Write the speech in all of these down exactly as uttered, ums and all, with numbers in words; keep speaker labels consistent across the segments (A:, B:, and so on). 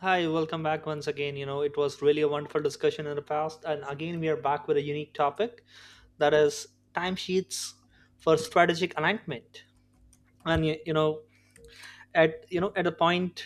A: Hi, welcome back once again. You know, it was really a wonderful discussion in the past, and again, we are back with a unique topic, that is timesheets for strategic alignment. And y- you know, at you know, At a point,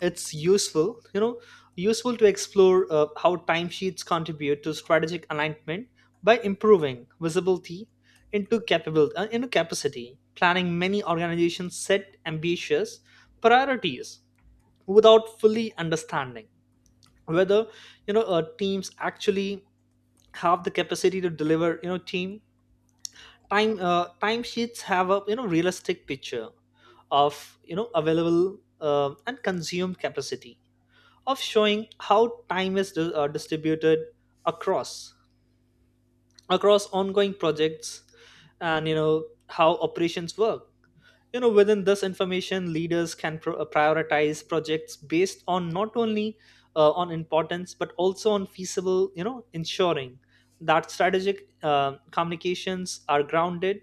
A: it's useful, you know, useful to explore uh, how timesheets contribute to strategic alignment by improving visibility into capability, uh, into capacity. Planning many organizations set ambitious priorities without fully understanding whether you know uh, teams actually have the capacity to deliver. You know team time uh, Timesheets have a you know realistic picture of you know available uh, and consumed capacity, of showing how time is di- uh, distributed across across ongoing projects and you know how operations work. You know within this information, leaders can pro- uh, prioritize projects based on not only uh, on importance but also on feasible, you know ensuring that strategic uh, communications are grounded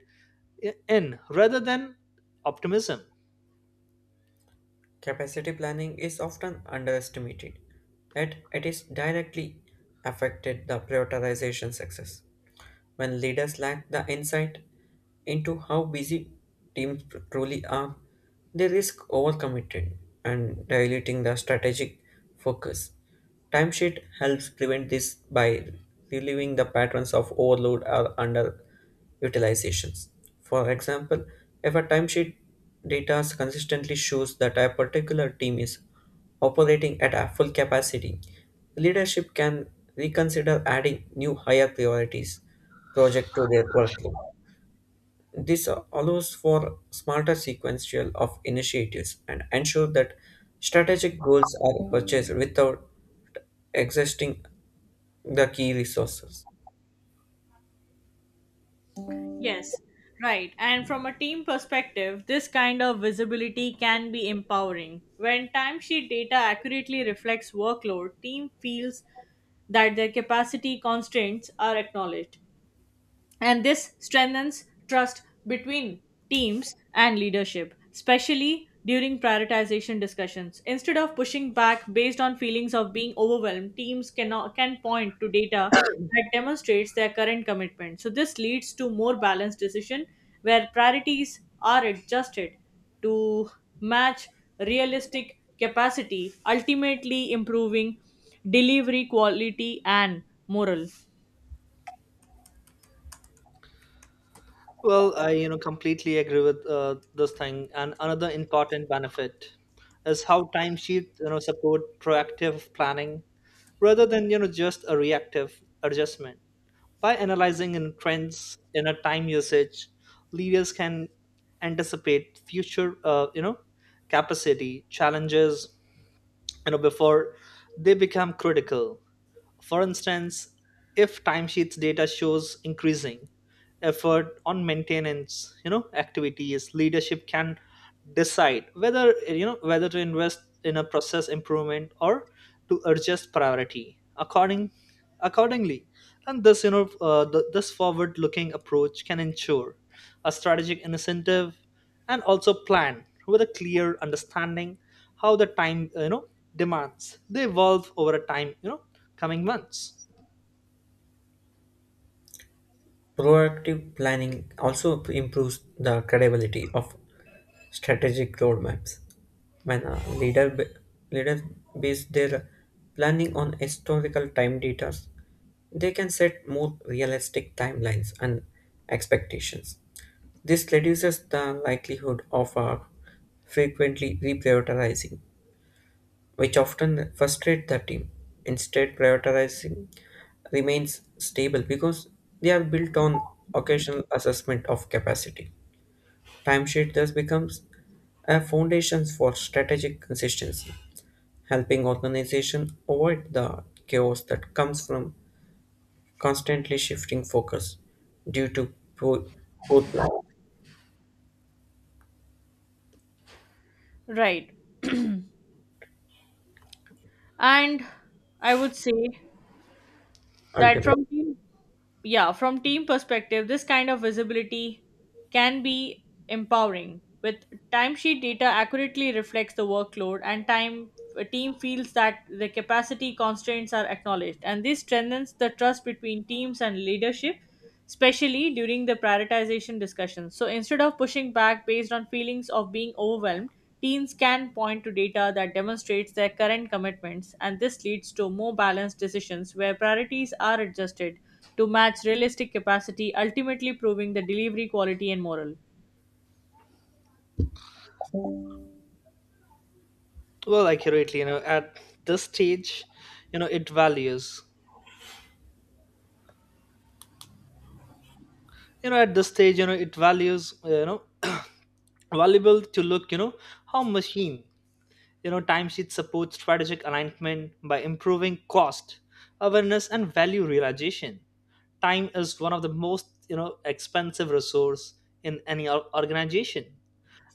A: i- in, rather than optimism.
B: Capacity planning is often underestimated, yet it is directly affected the prioritization success. When leaders lack the insight into how busy teams truly are, they risk overcommitting and diluting the strategic focus. Timesheet helps prevent this by relieving the patterns of overload or underperformance utilizations. For example, if a timesheet data consistently shows that a particular team is operating at a full capacity, leadership can reconsider adding new higher priorities project to their workload. This allows for smarter sequential of initiatives and ensure that strategic goals are purchased without exhausting the key resources.
C: Yes, right. And from a team perspective, this kind of visibility can be empowering. When timesheet data accurately reflects workload, team feels that their capacity constraints are acknowledged. And this strengthens trust between teams and leadership, especially during prioritization discussions. Instead of pushing back based on feelings of being overwhelmed, teams cannot can point to data that demonstrates their current commitment. So this leads to more balanced decision where priorities are adjusted to match realistic capacity, ultimately improving delivery quality and morale.
A: Well, I you know completely agree with uh, this thing, and another important benefit is how timesheets you know support proactive planning rather than you know just a reactive adjustment. By analyzing in trends in a time usage, leaders can anticipate future, uh, you know, capacity challenges, you know, before they become critical. For instance, if timesheets data shows increasing effort on maintenance, you know activities leadership can decide whether you know whether to invest in a process improvement or to adjust priority according accordingly. And this you know uh, th- this forward looking approach can ensure a strategic incentive, and also plan with a clear understanding how the time, you know demands, they evolve over a time, you know coming months.
B: Proactive planning also improves the credibility of strategic roadmaps. When a leader, b- leader base their planning on historical time data, they can set more realistic timelines and expectations. This reduces the likelihood of uh, frequently reprioritizing which often frustrate the team. Instead, prioritizing remains stable because they are built on occasional assessment of capacity. Timesheet thus becomes a foundation for strategic consistency, helping organization avoid the chaos that comes from constantly shifting focus due to poor, poor planning
C: Right. And I would say that
B: ultimately.
C: from team, yeah, from team perspective, this kind of visibility can be empowering. With timesheet data accurately reflects the workload and time a team feels that the capacity constraints are acknowledged, and this strengthens the trust between teams and leadership, especially during the prioritization discussions. So instead of pushing back based on feelings of being overwhelmed, teens can point to data that demonstrates their current commitments, and this leads to more balanced decisions where priorities are adjusted to match realistic capacity, ultimately proving the delivery quality and moral.
A: Well, accurately, you know at this stage you know it values you know at this stage, you know it values uh, you know valuable to look you know how machine, you know timesheet supports strategic alignment by improving cost awareness and value realization. Time is one of the most you know expensive resource in any or- organization,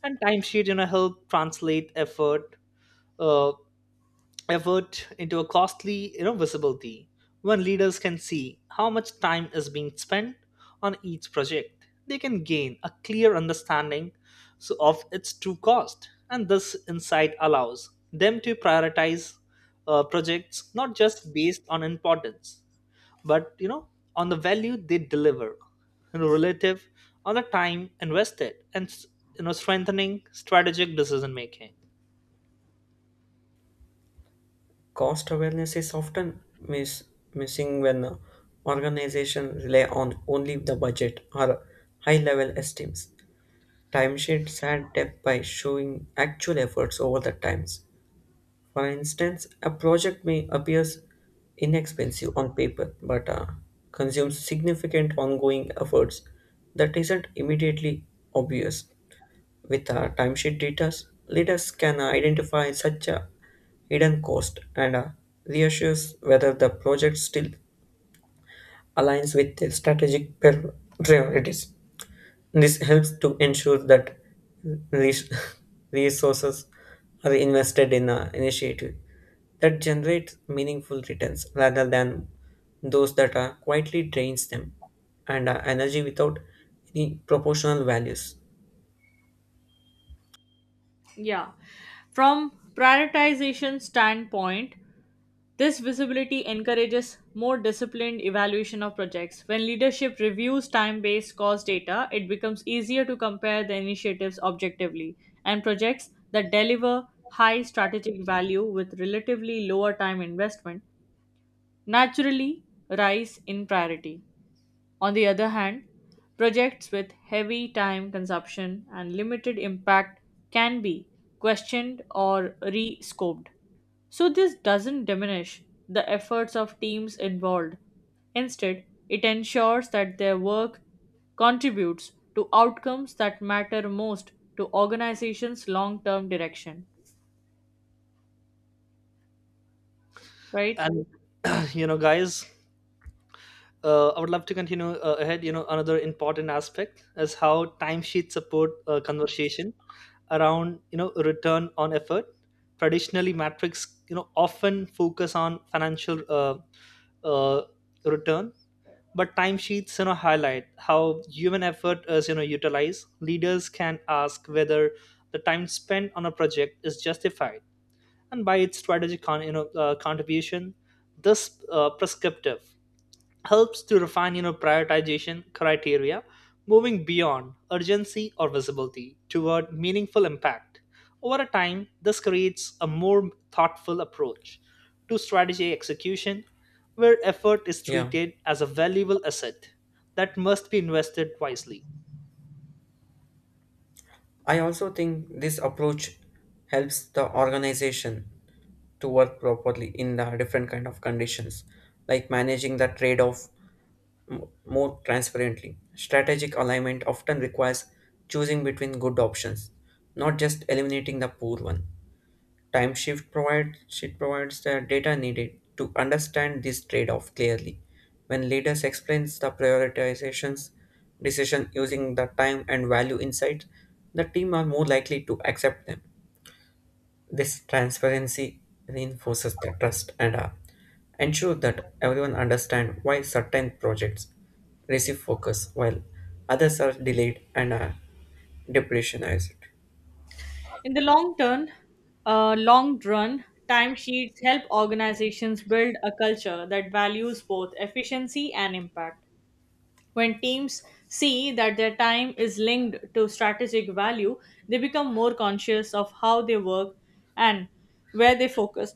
A: and timesheet you know help translate effort uh, effort into a costly, you know, visibility. When leaders can see how much time is being spent on each project, they can gain a clear understanding, so, of its true cost. And this insight allows them to prioritize uh, projects not just based on importance but, you know on the value they deliver, you know, relative on the time invested, and you know strengthening strategic decision making.
B: Cost awareness is often miss, missing when uh, organizations rely on only the budget or high level estimates. Timesheets add depth by showing actual efforts over the times. For instance, a project may appear inexpensive on paper but uh, consumes significant ongoing efforts that isn't immediately obvious. With uh, timesheet data, leaders can uh, identify such a hidden cost and uh, reassures whether the project still aligns with their strategic prior- priorities. This helps to ensure that res- resources are invested in an initiative that generates meaningful returns rather than those that are quietly drains them and are energy without any proportional values.
C: Yeah. From prioritization standpoint, this visibility encourages more disciplined evaluation of projects. When leadership reviews time based cost data, it becomes easier to compare the initiatives objectively, and projects that deliver high strategic value with relatively lower time investment naturally rise in priority. On the other hand, projects with heavy time consumption and limited impact can be questioned or re scoped. So, this doesn't diminish the efforts of teams involved. Instead, it ensures that their work contributes to outcomes that matter most to organizations' long term direction, right?
A: And you know guys, uh, I would love to continue uh, ahead. You know, another important aspect is how timesheets support uh, conversation around you know return on effort. Traditionally, metrics you know often focus on financial uh, uh, return, but timesheets you know highlight how human effort is you know utilized. Leaders can ask whether the time spent on a project is justified and by its strategic con- you know uh, contribution. This uh, prescriptive helps to refine you know prioritization criteria, moving beyond urgency or visibility toward meaningful impact. Over a time, this creates a more thoughtful approach to strategy execution, where effort is
B: Yeah.
A: treated as a valuable asset that must be invested wisely.
B: I also think this approach helps the organization to work properly in the different kind of conditions, like managing the trade-off m- more transparently. Strategic alignment often requires choosing between good options, not just eliminating the poor one. Time shift provides Shift provides the data needed to understand this trade-off clearly. When leaders explains the prioritizations decision using the time and value insights, the team are more likely to accept them. This transparency reinforces the trust and uh, ensure that everyone understand why certain projects receive focus while others are delayed and are depressionized.
C: In the long term, uh, long run, timesheets help organizations build a culture that values both efficiency and impact. When teams see that their time is linked to strategic value, they become more conscious of how they work and where they focus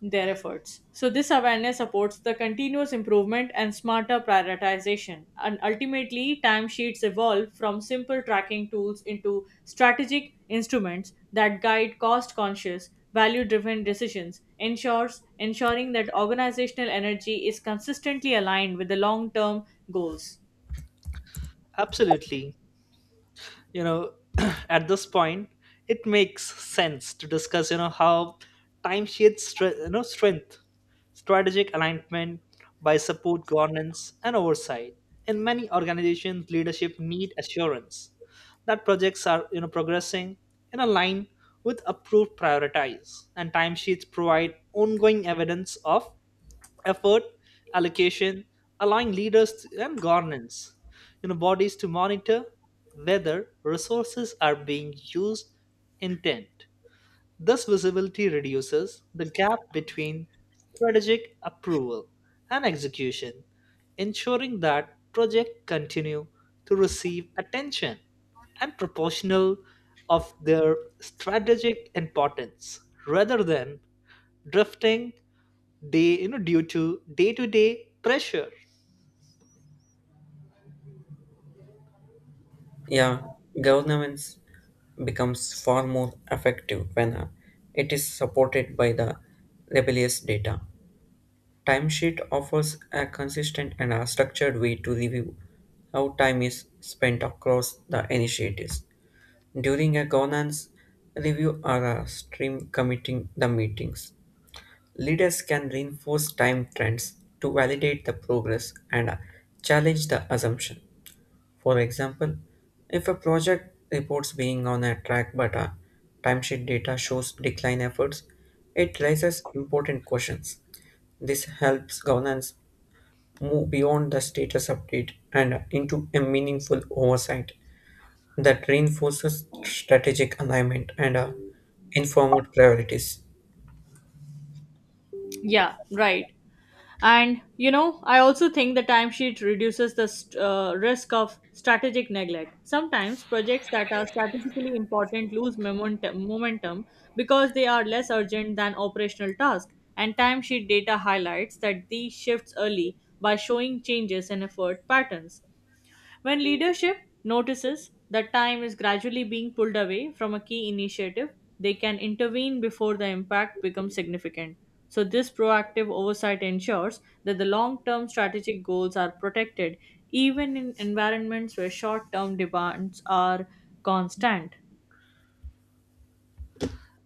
C: their efforts. So, this awareness supports the continuous improvement and smarter prioritization. And ultimately, timesheets evolve from simple tracking tools into strategic instruments that guide cost conscious, value driven decisions, ensures, ensuring that organizational energy is consistently aligned with the long term goals.
A: Absolutely. you know at this point, it makes sense to discuss you know how time shades stre- you know strength strategic alignment by support governance and oversight. In many organizations, leadership need assurance that projects are you know progressing in a line with approved priorities, and timesheets provide ongoing evidence of effort allocation, allowing leaders and governance you know bodies to monitor whether resources are being used intent. This visibility reduces the gap between strategic approval and execution, ensuring that projects continue to receive attention and proportional of their strategic importance rather than drifting day you know due to day-to-day pressure.
B: Yeah, governments becomes far more effective when uh, it is supported by the rebellious data. Timesheet offers a consistent and a structured way to review how time is spent across the initiatives. During a governance review or a stream committing the meetings, leaders can reinforce time trends to validate the progress and uh, challenge the assumption. For example, if a project reports being on a track but a timesheet data shows decline efforts, it raises important questions. This helps governance move beyond the status update and into a meaningful oversight that reinforces strategic alignment and uh, informed priorities.
C: Yeah, right. And you know, I also think the timesheet reduces the st- uh, risk of strategic neglect. Sometimes projects that are strategically important lose momentum, momentum because they are less urgent than operational tasks. And timesheet data highlights that these shifts early by showing changes in effort patterns. When leadership notices that time is gradually being pulled away from a key initiative, they can intervene before the impact becomes significant. So, this proactive oversight ensures that the long term strategic goals are protected even in environments where short term demands are constant.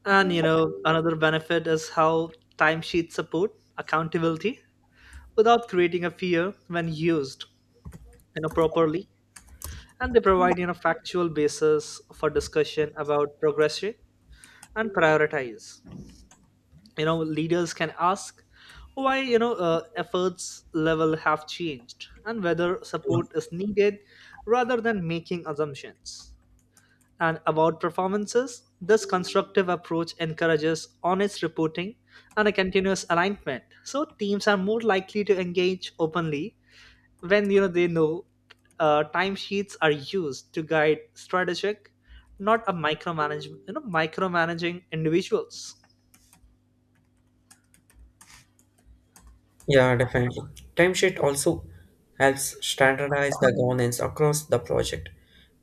A: And you know another benefit is how timesheets support accountability without creating a fear. When used you know properly, and they provide you know factual basis for discussion about progression and prioritize. You know leaders can ask why, you know uh, efforts level have changed and whether support is needed, rather than making assumptions and award performances. This constructive approach encourages honest reporting and a continuous alignment. So teams are more likely to engage openly when you know they know uh, timesheets are used to guide strategic, not a micromanage. You know, micromanaging individuals.
B: Yeah, definitely. Timesheet also helps standardize the governance across the project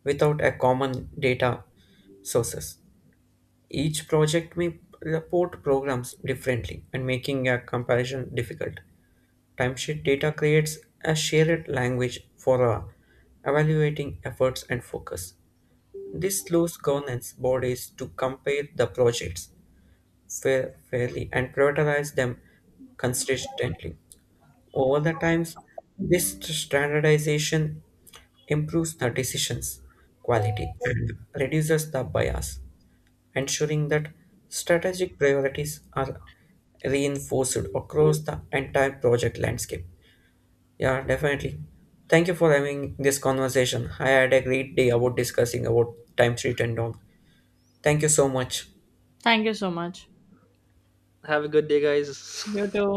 B: without a common data sources. Each project may report programs differently and making a comparison difficult. Timesheet data creates a shared language for uh, evaluating efforts and focus. This slows governance bodies to compare the projects fair, fairly and prioritize them consistently. Over the times, this standardization improves the decisions quality and reduces the bias ensuring that strategic priorities are reinforced across the entire project landscape. Yeah, definitely. Thank you for having this conversation. I had a great day about discussing about time sheet and all. Thank you so much.
C: Thank you so much.
A: Have a good day,
C: You
A: guys.
C: too.